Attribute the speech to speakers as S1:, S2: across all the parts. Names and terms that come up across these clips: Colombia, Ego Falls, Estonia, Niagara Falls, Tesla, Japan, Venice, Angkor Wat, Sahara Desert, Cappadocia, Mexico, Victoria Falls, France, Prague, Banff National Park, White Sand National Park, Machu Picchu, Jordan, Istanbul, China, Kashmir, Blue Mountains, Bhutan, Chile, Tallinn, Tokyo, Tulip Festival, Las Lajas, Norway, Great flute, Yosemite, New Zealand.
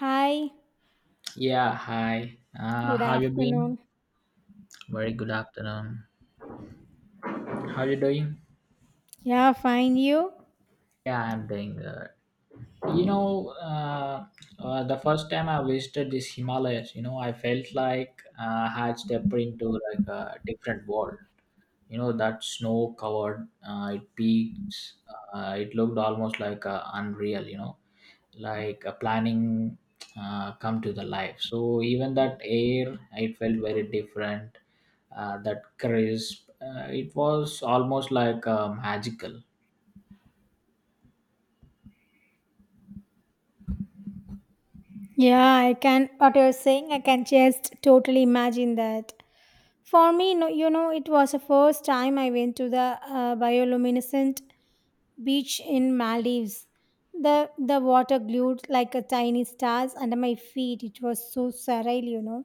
S1: Hi,
S2: Yeah, hi.
S1: good
S2: How you been?
S1: afternoon.
S2: Very good afternoon. How you doing?
S1: Yeah, fine, you?
S2: Yeah, I'm doing good. You know, uh, the first time I visited this Himalayas, you know, I felt like I had stepped into like a different world. You know, that snow covered, it peaks, it looked almost like unreal, Like a planning come to the life, so even that air it felt very different, that crisp, it was almost like magical.
S1: Yeah, I can, what you're saying, I can just totally imagine that. For me, no, you know, it was the first time I went to the bioluminescent beach in Maldives. The water glued like a tiny stars under my feet. It was so surreal, you know.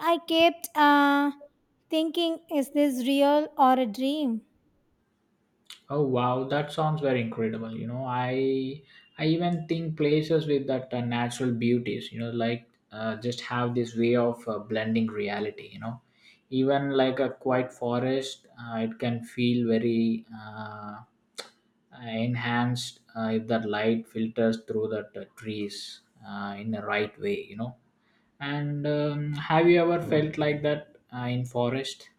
S1: I kept thinking, is this real or a dream?
S2: Oh wow, that sounds very incredible. I even think places with that natural beauties, you know, like just have this way of blending reality. You know, even like a quiet forest, it can feel very enhanced, if that light filters through the trees in the right way. You know, and have you ever felt like that in forest?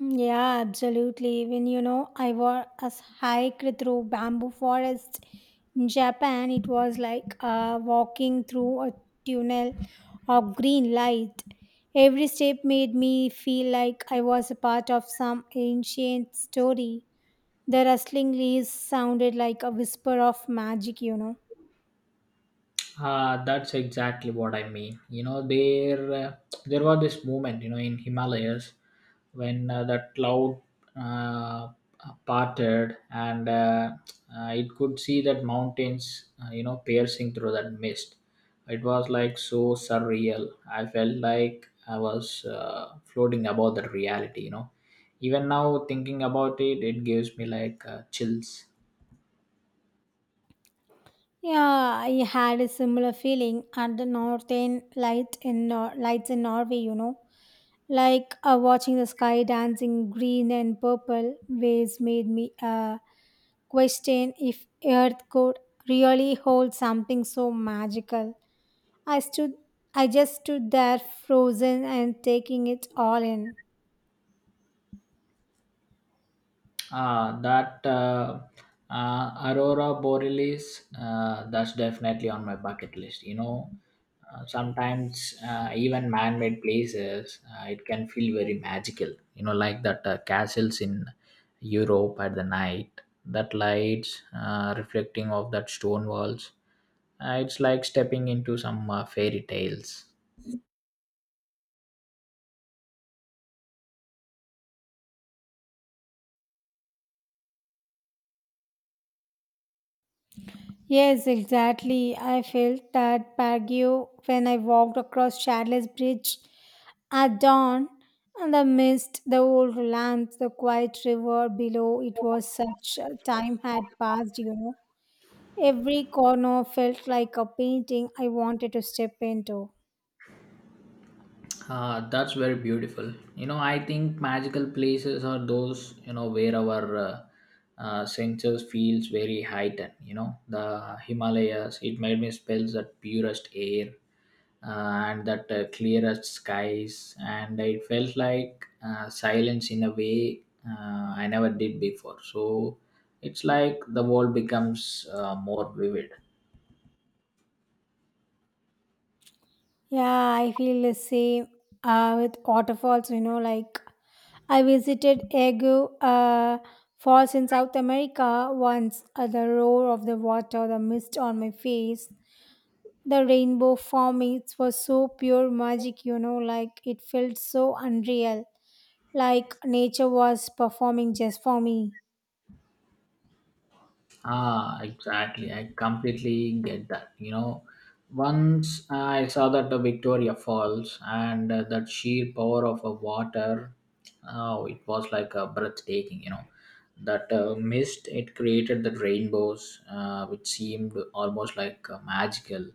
S1: Yeah, absolutely. Even you know, I was a hike through bamboo forest in Japan. It was like walking through a tunnel of green light. Every step made me feel like I was a part of some ancient story. The rustling leaves sounded like a whisper of magic, you know.
S2: That's exactly what I mean. There was this moment, you know, in Himalayas when that cloud uh, parted, and it could see that mountains, you know, piercing through that mist. It was like so surreal. I felt like I was floating above the reality. You know, even now thinking about it, it gives me like chills.
S1: Yeah, I had a similar feeling at the northern light in Nor- lights in Norway, you know. Like watching the sky dancing green and purple waves made me uh, question if earth could really hold something so magical. I stood I just stood there frozen and taking it all in.
S2: Ah, that Aurora Borealis, that's definitely on my bucket list. You know, sometimes even man made places, it can feel very magical. You know, like that castles in Europe at the night, that lights reflecting off that stone walls. It's like stepping into some fairy tales.
S1: Yes, exactly. I felt that Baguio when I walked across Charles Bridge at dawn and the mist, the old lamps, the quiet river below. It was such a time had passed, you know. Every corner felt like a painting I wanted to step into.
S2: Ah, that's very beautiful. You know, I think magical places are those, you know, where our senses feels very heightened. You know, the Himalayas, it made me smell that purest air uh, and that clearest skies. And it felt like silence in a way I never did before. So it's like the world becomes more vivid.
S1: Yeah, I feel the same with waterfalls, you know, like I visited Ego Falls in South America once. The roar of the water, the mist on my face, the rainbow forming, it was so pure magic, you know, like it felt so unreal, like nature was performing just for me.
S2: Ah, exactly. I completely get that. You know, once I saw that the Victoria Falls and that sheer power of a water, oh, it was like a breathtaking. You know, that mist it created the rainbows, which seemed almost like magical.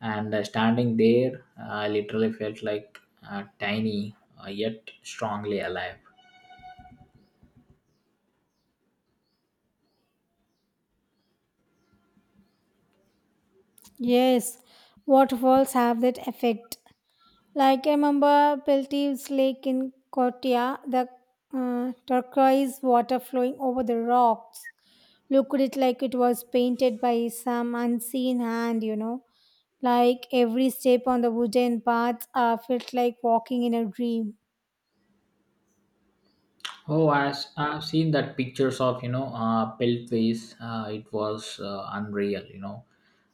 S2: And standing there, I literally felt like tiny, yet strongly alive.
S1: Yes, waterfalls have that effect. Like I remember Peltive's lake in Kotia, the turquoise water flowing over the rocks looked it like it was painted by some unseen hand, you know. Like every step on the wooden path felt like walking in a dream.
S2: Oh, as I've seen that pictures of you know Peltways, it was unreal. You know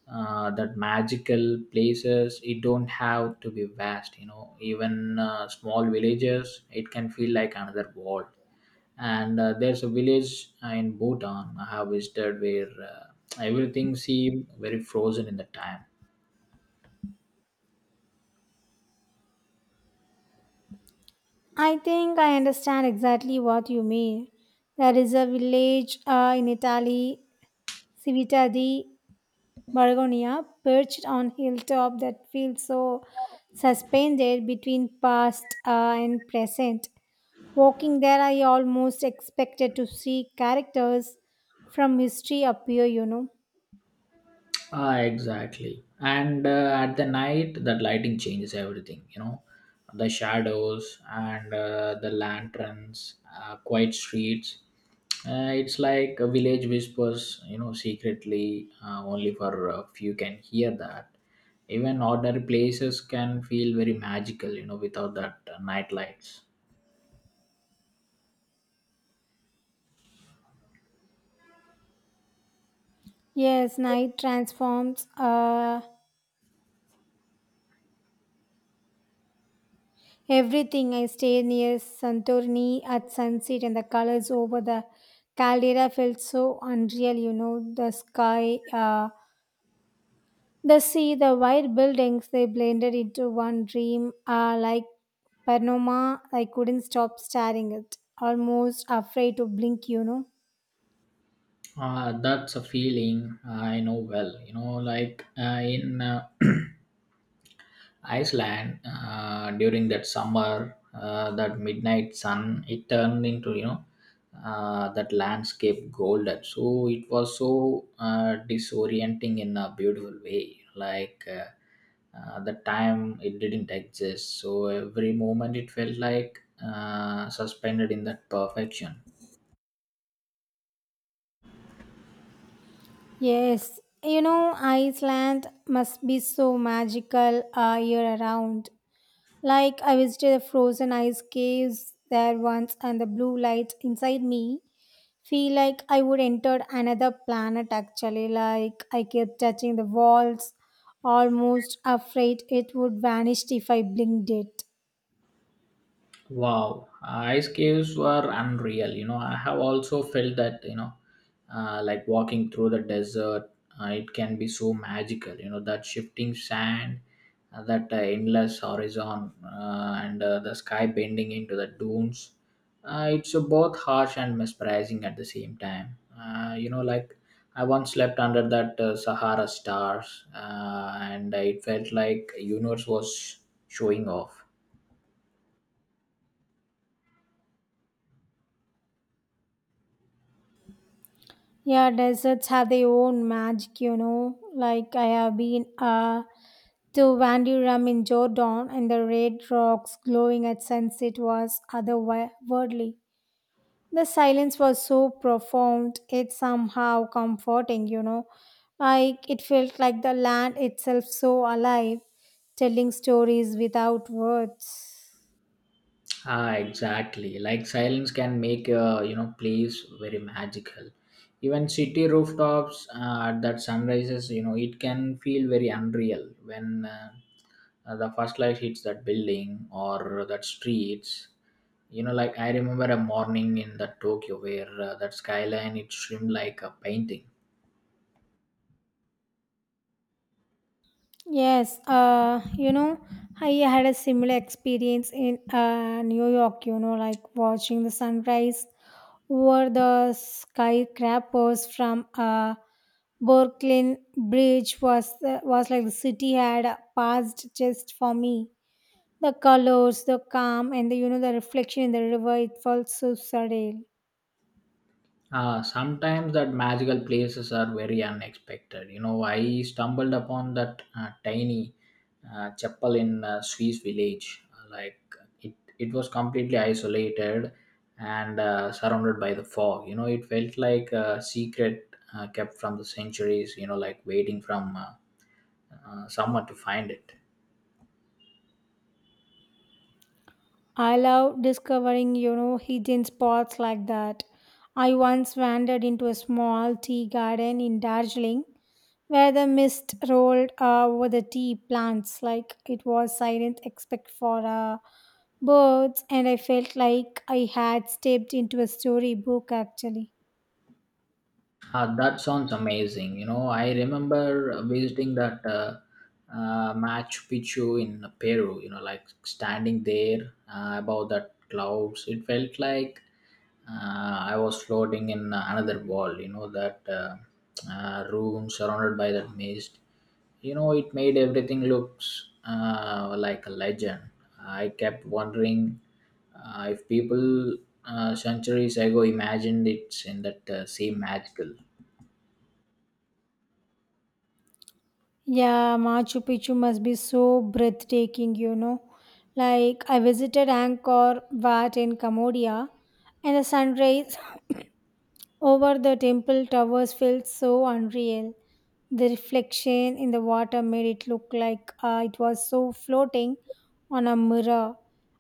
S2: that magical places. It don't have to be vast. You know even small villages. It can feel like another world. And there's a village in Bhutan I have visited where everything seemed very frozen in the time.
S1: I think I understand exactly what you mean. There is a village in Italy, Civita di Bargonia, perched on hilltop that feels so suspended between past and present. Walking there, I almost expected to see characters from history appear, you know.
S2: Ah, exactly. And at the night, that lighting changes everything. You know, the shadows and the lanterns, quiet streets. It's like a village whispers. You know, secretly, only for a few can hear that. Even ordinary places can feel very magical. You know, without that night lights.
S1: Yes, night transforms everything. I stayed near Santorini at sunset, and the colors over the caldera felt so unreal, you know. The sea, the white buildings, they blended into one dream. Ah, like Panoma, I couldn't stop staring at, almost afraid to blink, you know.
S2: That's a feeling I know well. You know, like in. Iceland during that summer, that midnight sun, it turned into you know that landscape golden. So it was so disorienting in a beautiful way. Like the time it didn't exist. So every moment it felt like suspended in that perfection.
S1: Yes, you know, Iceland must be so magical year around. Like, I visited the frozen ice caves there once, and the blue light inside me feel like I would enter another planet actually. Like I kept touching the walls, almost afraid it would vanish if I blinked it.
S2: Wow, ice caves were unreal. You know, I have also felt that, you know, like walking through the desert, it can be so magical. You know, that shifting sand, that endless horizon, and the sky bending into the dunes. It's both harsh and mesmerizing at the same time. You know, like I once slept under that Sahara stars, and it felt like universe was showing off.
S1: Yeah, deserts have their own magic, you know. Like I have been to Wandiram in Jordan and the red rocks glowing at sunset was otherworldly. The silence was so profound, it's somehow comforting, you know. Like it felt like the land itself so alive, telling stories without words.
S2: Ah, exactly. Like silence can make a you know place very magical. Even city rooftops at that sunrises, you know, it can feel very unreal when the first light hits that building or that streets. You know, like I remember a morning in the Tokyo where that skyline it shrimmed like a painting.
S1: Yes, you know, I had a similar experience in New York, you know, like watching the sunrise over the skyscrapers from Brooklyn Bridge was like the city had passed just for me. The colors, the calm, and the you know the reflection in the river. It felt so surreal.
S2: Sometimes that magical places are very unexpected. You know, I stumbled upon that tiny chapel in a Swiss village. Like it was completely isolated and surrounded by the fog. You know, it felt like a secret kept from the centuries. You know, like waiting from someone to find it.
S1: I love discovering you know hidden spots like that. I once wandered into a small tea garden in Darjeeling where the mist rolled over the tea plants like it was silent except for birds, and I felt like I had stepped into a storybook actually.
S2: Ah, that sounds amazing. You know, I remember visiting that Machu Picchu in Peru, you know, like standing there above that clouds. It felt like uh, I was floating in another world, you know, that room surrounded by that mist. You know, it made everything looks like a legend. I kept wondering if people centuries ago imagined it's in that same magical.
S1: Yeah, Machu Picchu must be so breathtaking, you know. Like, I visited Angkor Wat in Cambodia, and the sunrise over the temple towers felt so unreal. The reflection in the water made it look like it was so floating on a mirror.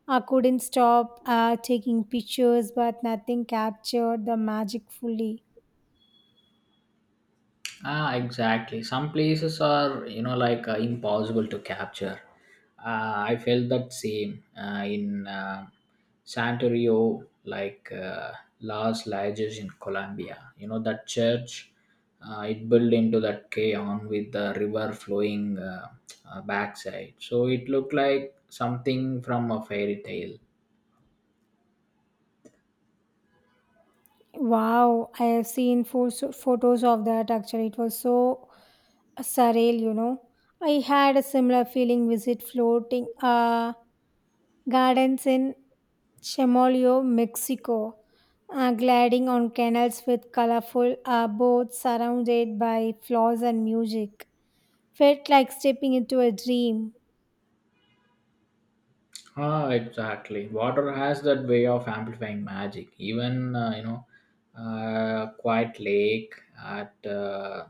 S1: I couldn't stop taking pictures, but nothing captured the magic fully.
S2: Ah, exactly. Some places are, you know, like impossible to capture. I felt that same in Santorio, like Las Lajas in Colombia. You know, that church, it built into that cayon with the river flowing backside. So it looked like something from a fairy tale.
S1: Wow, I have seen photos of that actually. It was so surreal, you know. I had a similar feeling visit floating gardens in Chemolio, Mexico, gliding on canals with colorful boats surrounded by flowers and music. Felt like stepping into a dream.
S2: Ah, exactly. Water has that way of amplifying magic. Even you know, quiet lake at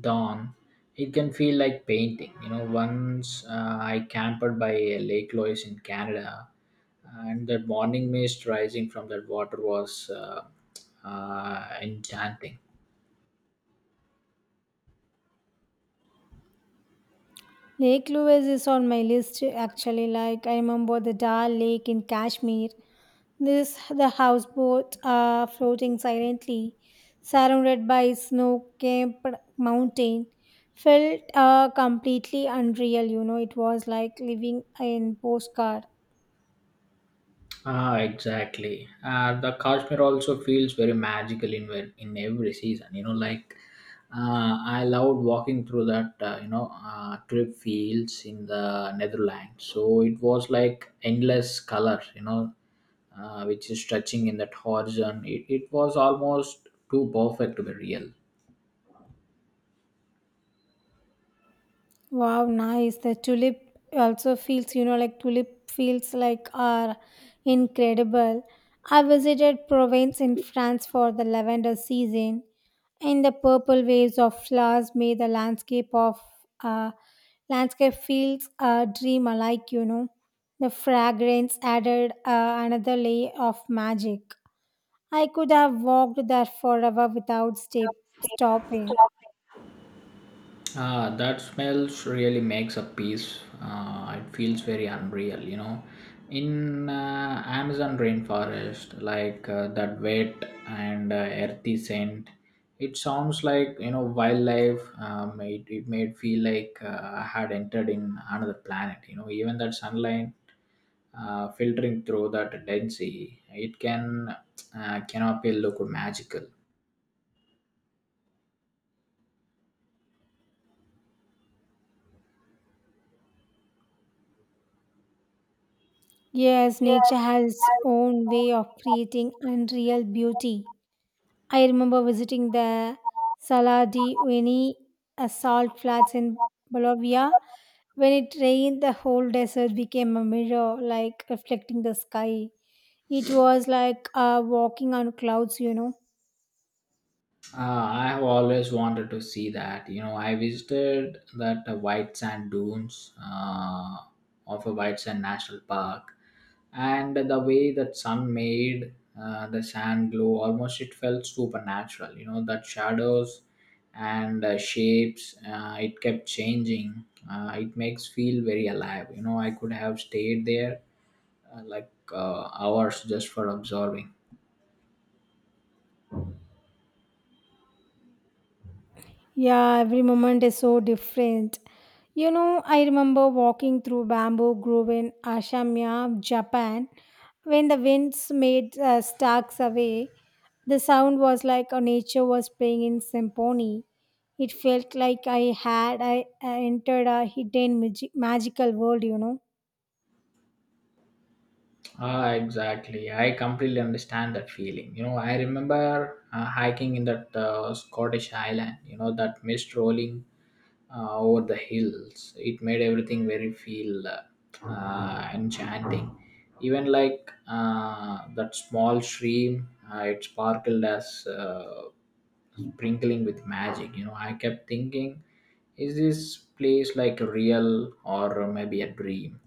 S2: dawn, it can feel like painting. You know, once I camped by a Lake Louise in Canada, and that morning mist rising from that water was enchanting.
S1: Lake Louise is on my list actually. Like I remember the Dal Lake in Kashmir. This the houseboat floating silently, surrounded by snow-capped mountain, felt completely unreal. You know, it was like living in postcard.
S2: Ah, exactly. The Kashmir also feels very magical in in every season. You know, like I loved walking through that you know trip fields in the Netherlands. So it was like endless color. You know, which is stretching in that horizon. It was almost too perfect to be real.
S1: Wow, nice. The tulip also feels, you know, like tulip feels like are incredible. I visited Provence in France for the lavender season, and the purple waves of flowers made the uh, landscape feels dream alike. You know, the fragrance added another layer of magic. I could have walked there forever without step stopping.
S2: Ah, that smells really makes a piece. It feels very unreal, you know. In Amazon rainforest, like that wet and earthy scent, it sounds like you know wildlife. It made feel like I had entered in another planet. You know, even that sunlight filtering through that density, it can cannot be look magical.
S1: Yes, nature has its own way of creating unreal beauty. I remember visiting the Sala di Uyuni salt flats in Bolivia. When it rained, the whole desert became a mirror, like reflecting the sky. It was like walking on clouds, you know.
S2: I have always wanted to see that. You know, I visited that white sand dunes of a white sand national park, and the way that sun made the sand glow, almost it felt supernatural. You know, that shadows and shapes, it kept changing. It makes feel very alive. You know, I could have stayed there hours just for observing.
S1: Yeah, every moment is so different. You know, I remember walking through bamboo grove in Ashamiya, Japan, when the winds made stalks away. The sound was like nature was playing in symphony. It felt like I entered a hidden magical world, you know.
S2: Ah, exactly. I completely understand that feeling. You know, I remember hiking in that Scottish island, you know, that mist rolling over the hills. It made everything very feel enchanting. Even like that small stream, it sparkled as sprinkling with magic. You know, I kept thinking, is this place like real or maybe a dream?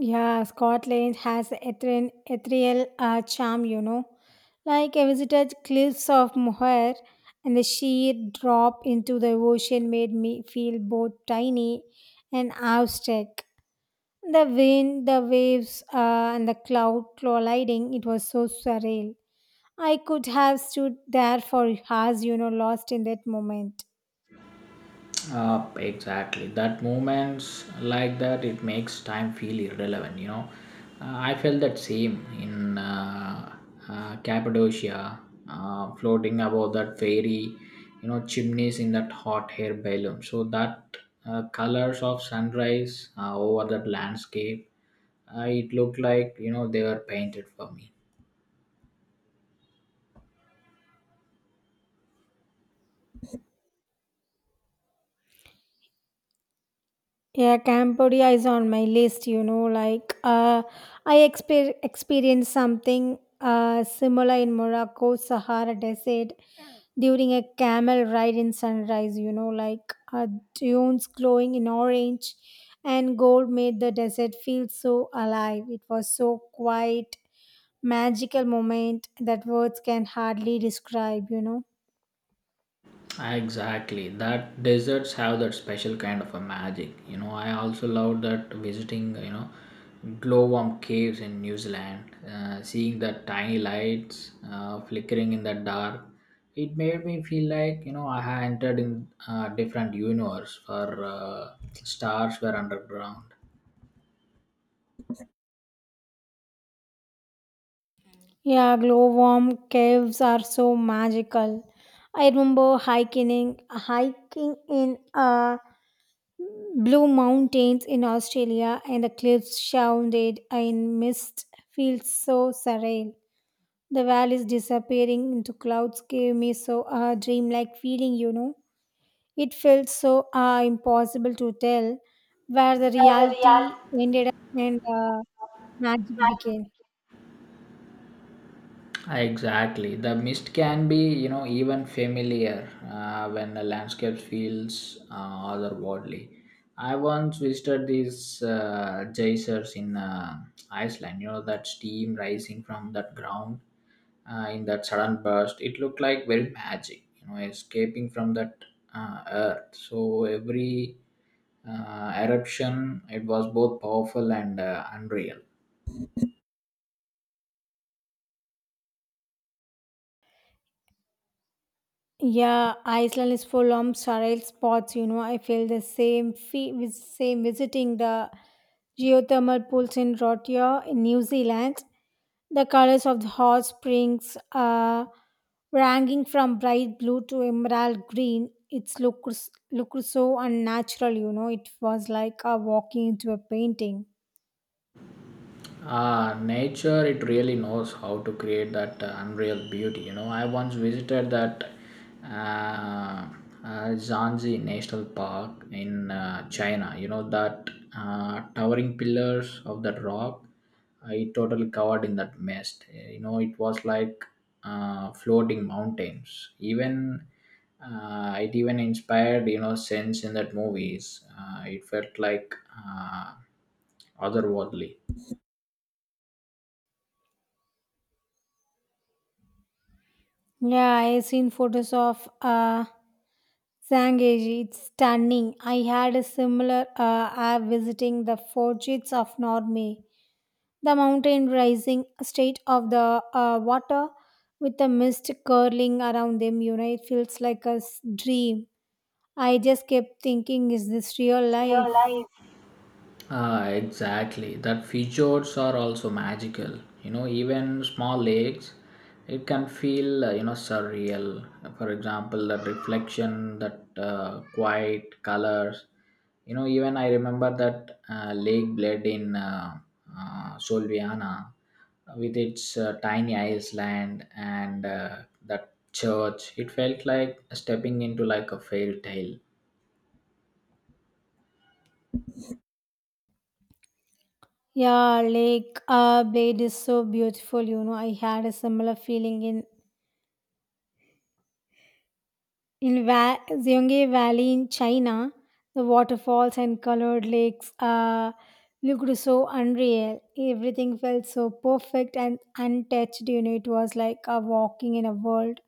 S1: Yeah, Scotland has ethereal charm, you know. Like I visited cliffs of Moher, and the sheer drop into the ocean made me feel both tiny and awestruck. The wind, the waves, and the cloud colliding, it was so surreal. I could have stood there for hours, you know, lost in that moment.
S2: Exactly. That moments like that, it makes time feel irrelevant. You know, I felt that same in Cappadocia, floating above that fairy, you know, chimneys in that hot air balloon. So that colors of sunrise over that landscape, it looked like you know they were painted for me.
S1: Yeah, Cambodia is on my list, you know, like I experienced something similar in Morocco, Sahara Desert, during a camel ride in sunrise, you know, like dunes glowing in orange and gold made the desert feel so alive. It was so quiet, magical moment that words can hardly describe, you know.
S2: Exactly. That deserts have that special kind of a magic. You know, I also love that visiting, you know, glowworm caves in New Zealand, seeing the tiny lights flickering in the dark. It made me feel like, you know, I had entered in a different universe where stars were underground.
S1: Yeah, glowworm caves are so magical. I remember hiking in Blue Mountains in Australia, and the cliffs shrouded in mist feels so surreal. The valleys disappearing into clouds gave me so a dreamlike feeling. You know, it felt so impossible to tell where the reality ended up and magic began.
S2: Exactly. The mist can be, you know, even familiar when the landscape feels otherworldly. I once visited these geysers in Iceland. You know that steam rising from that ground in that sudden burst. It looked like very magic. You know, escaping from that earth. So every eruption, it was both powerful and unreal.
S1: Yeah, Iceland is full of surreal spots. You know, I feel the same fee with same visiting the geothermal pools in Rotorua in New Zealand. The colors of the hot springs are ranging from bright blue to emerald green. It's looks so unnatural. You know, it was like walking into a painting.
S2: Ah, nature, it really knows how to create that unreal beauty. You know, I once visited that uh, Zanzi National Park in China. You know, that towering pillars of that rock, it totally covered in that mist. Eh, you know, it was like floating mountains. Even it even inspired, you know, sense in that movies. It felt like otherworldly.
S1: Yeah, I seen photos of Sangeji, it's stunning. I had a similar app visiting the forges of Norway, the mountain rising state of the water with the mist curling around them. You know, it feels like a dream. I just kept thinking, is this real life?
S2: Ah, exactly. That fjords are also magical. You know, even small lakes, it can feel you know surreal. For example, that reflection, that quiet colors. You know, even I remember that Lake Bled in Solviana, with its tiny island and that church. It felt like stepping into like a fairy tale.
S1: Yeah, Lake Blade is so beautiful. You know, I had a similar feeling in Zhonghe Valley in China, the waterfalls and colored lakes looked so unreal. Everything felt so perfect and untouched. You know, it was like a walking in a world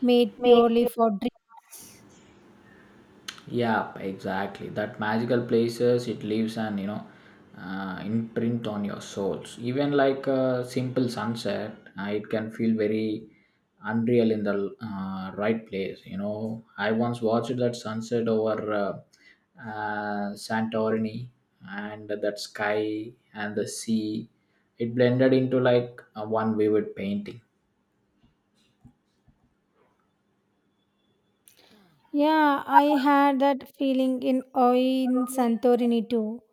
S1: made purely for dreams.
S2: Yeah, exactly. That magical places it leaves an you know imprint on your souls. Even like a simple sunset it can feel very unreal in the right place. You know, I once watched that sunset over Santorini, and that sky and the sea it blended into like a one vivid painting.
S1: Yeah, I had that feeling in oh, in Santorini too.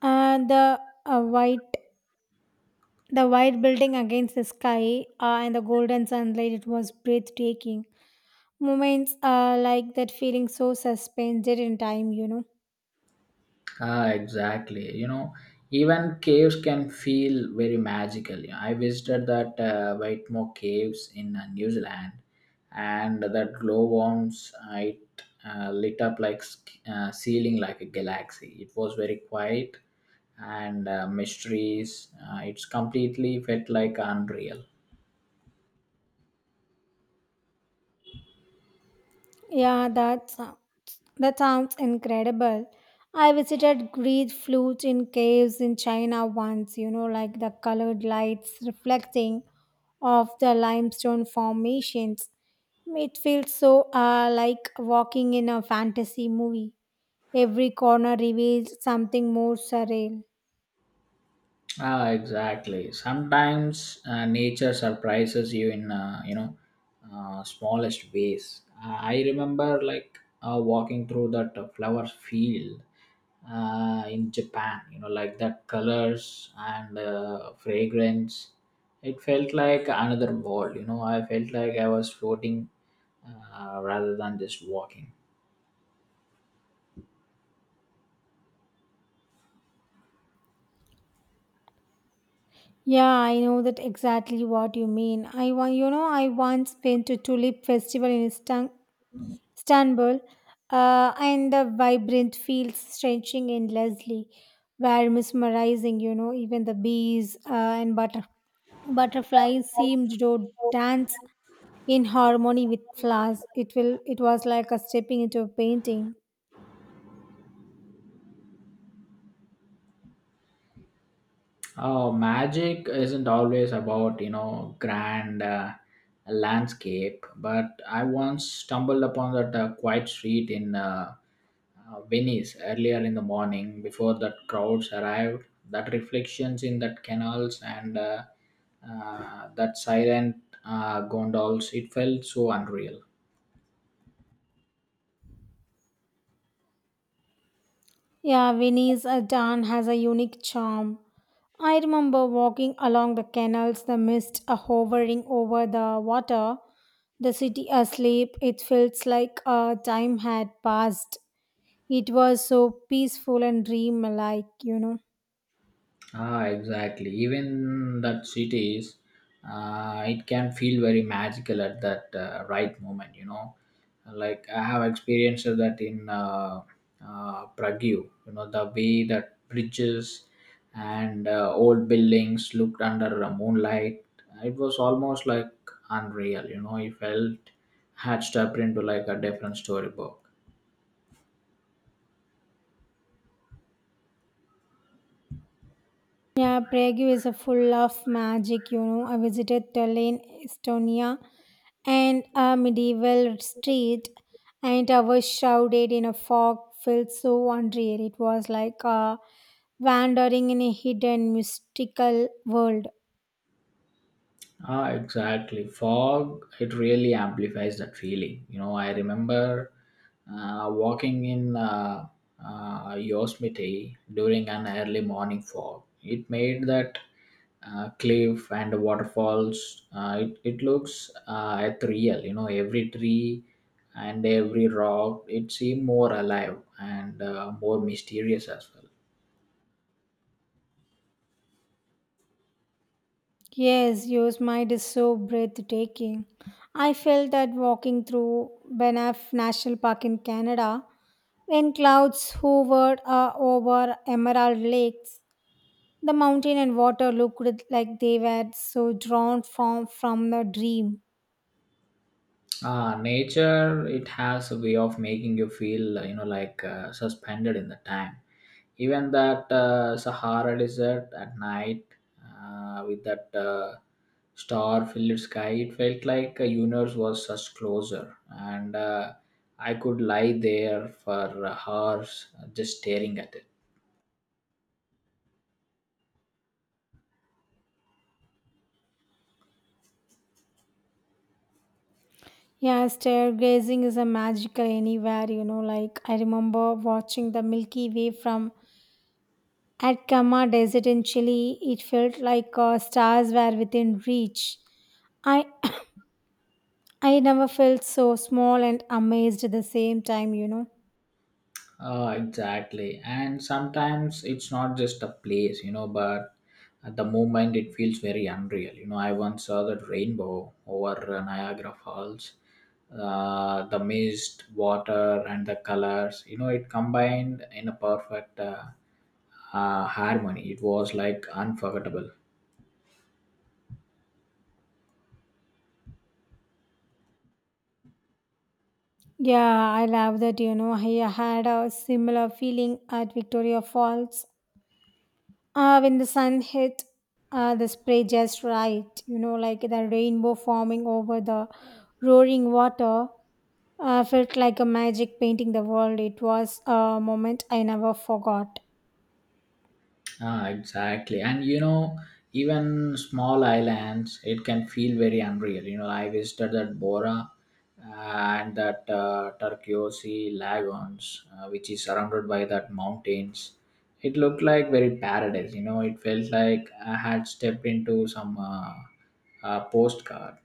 S1: And uh, white The white building against the sky and the golden sunlight, it was breathtaking. Moments like that feeling so suspended in time, you know.
S2: Ah, exactly. You know, even caves can feel very magical. You know, I visited that Whitemore Caves in New Zealand, and that glowworms it lit up like ceiling like a galaxy. It was very quiet and mysteries. It's completely felt like unreal.
S1: Yeah, that sounds incredible. I visited Great flute in caves in China once, you know, like the colored lights reflecting off the limestone formations. It feels so like walking in a fantasy movie. Every corner reveals something more surreal.
S2: Ah, exactly. Sometimes nature surprises you in you know smallest ways. I remember like walking through that flower field in Japan. You know, like that colors and fragrance. It felt like another world. You know, I felt like I was floating rather than just walking.
S1: Yeah, I know that exactly what you mean. You know, I once went to Tulip Festival in Istanbul, and the vibrant fields stretching endlessly were mesmerizing, you know, even the bees and butterflies seemed to dance in harmony with flowers. It was like a stepping into a painting.
S2: Oh, magic isn't always about, you know, grand landscape, but I once stumbled upon that quiet street in Venice earlier in the morning before that crowds arrived. That reflections in that canals and that silent gondols, it felt so unreal.
S1: Yeah, Venice Dan has a unique charm. I remember walking along the canals, the mist hovering over the water, the city asleep. It feels like time had passed. It was so peaceful and dreamlike, you know.
S2: Ah, exactly. Even that cities, it can feel very magical at that right moment. You know, like I have experienced that in Prague. You know, the way that bridges and old buildings looked under moonlight, it was almost like unreal. You know, it felt hatched up into like a different storybook.
S1: Yeah, Prague is a full of magic, you know. I visited Tallinn, Estonia, and a medieval street, and I was shrouded in a fog, felt so unreal. It was like wandering in a hidden mystical world.
S2: Ah, exactly. Fog, it really amplifies that feeling. You know, I remember walking in Yosemite during an early morning fog. It made that cliff and the waterfalls, it looks ethereal. You know, every tree and every rock, it seemed more alive and more mysterious as well.
S1: Yes, yours mind is so breathtaking. I felt that walking through Banff National Park in Canada, when clouds hovered over Emerald Lakes, the mountain and water looked like they were so drawn from the dream.
S2: Ah, nature, it has a way of making you feel, you know, like suspended in the time. Even that Sahara desert at night with that star filled sky, it felt like a universe was such closer. And I could lie there for hours just staring at it.
S1: Yeah, stargazing is a magical anywhere, you know. Like I remember watching the Milky Way from Atacama Desert in Chile. It felt like stars were within reach. I I never felt so small and amazed at the same time, you know.
S2: Exactly. And sometimes it's not just a place, you know, but at the moment it feels very unreal. You know, I once saw that rainbow over Niagara Falls. The mist, water, and the colors, you know, it combined in a perfect harmony. It was like unforgettable.
S1: Yeah, I love that, you know. I had a similar feeling at Victoria Falls. When the sun hit, the spray just right, you know, like the rainbow forming over the roaring water. Felt like a magic painting the world. It was a moment I never forgot.
S2: Ah, exactly. And you know, even small islands, it can feel very unreal. You know, I visited that Bora and that Turquoise Lagoons, which is surrounded by that mountains. It looked like very paradise. You know, it felt like I had stepped into some postcard.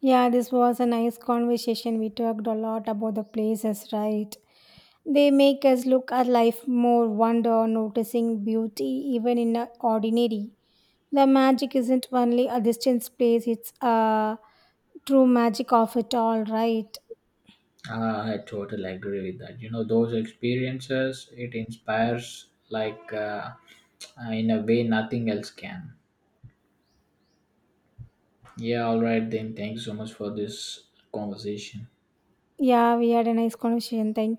S1: Yeah, this was a nice conversation. We talked a lot about the places, right? They make us look at life more wonder, noticing beauty even in the ordinary. The magic isn't only a distant place, it's a true magic of it all, right?
S2: I totally agree with that. You know, those experiences, it inspires like in a way nothing else can. Yeah, all right then. Thank you so much for this conversation.
S1: Yeah, we had a nice conversation. Thank you.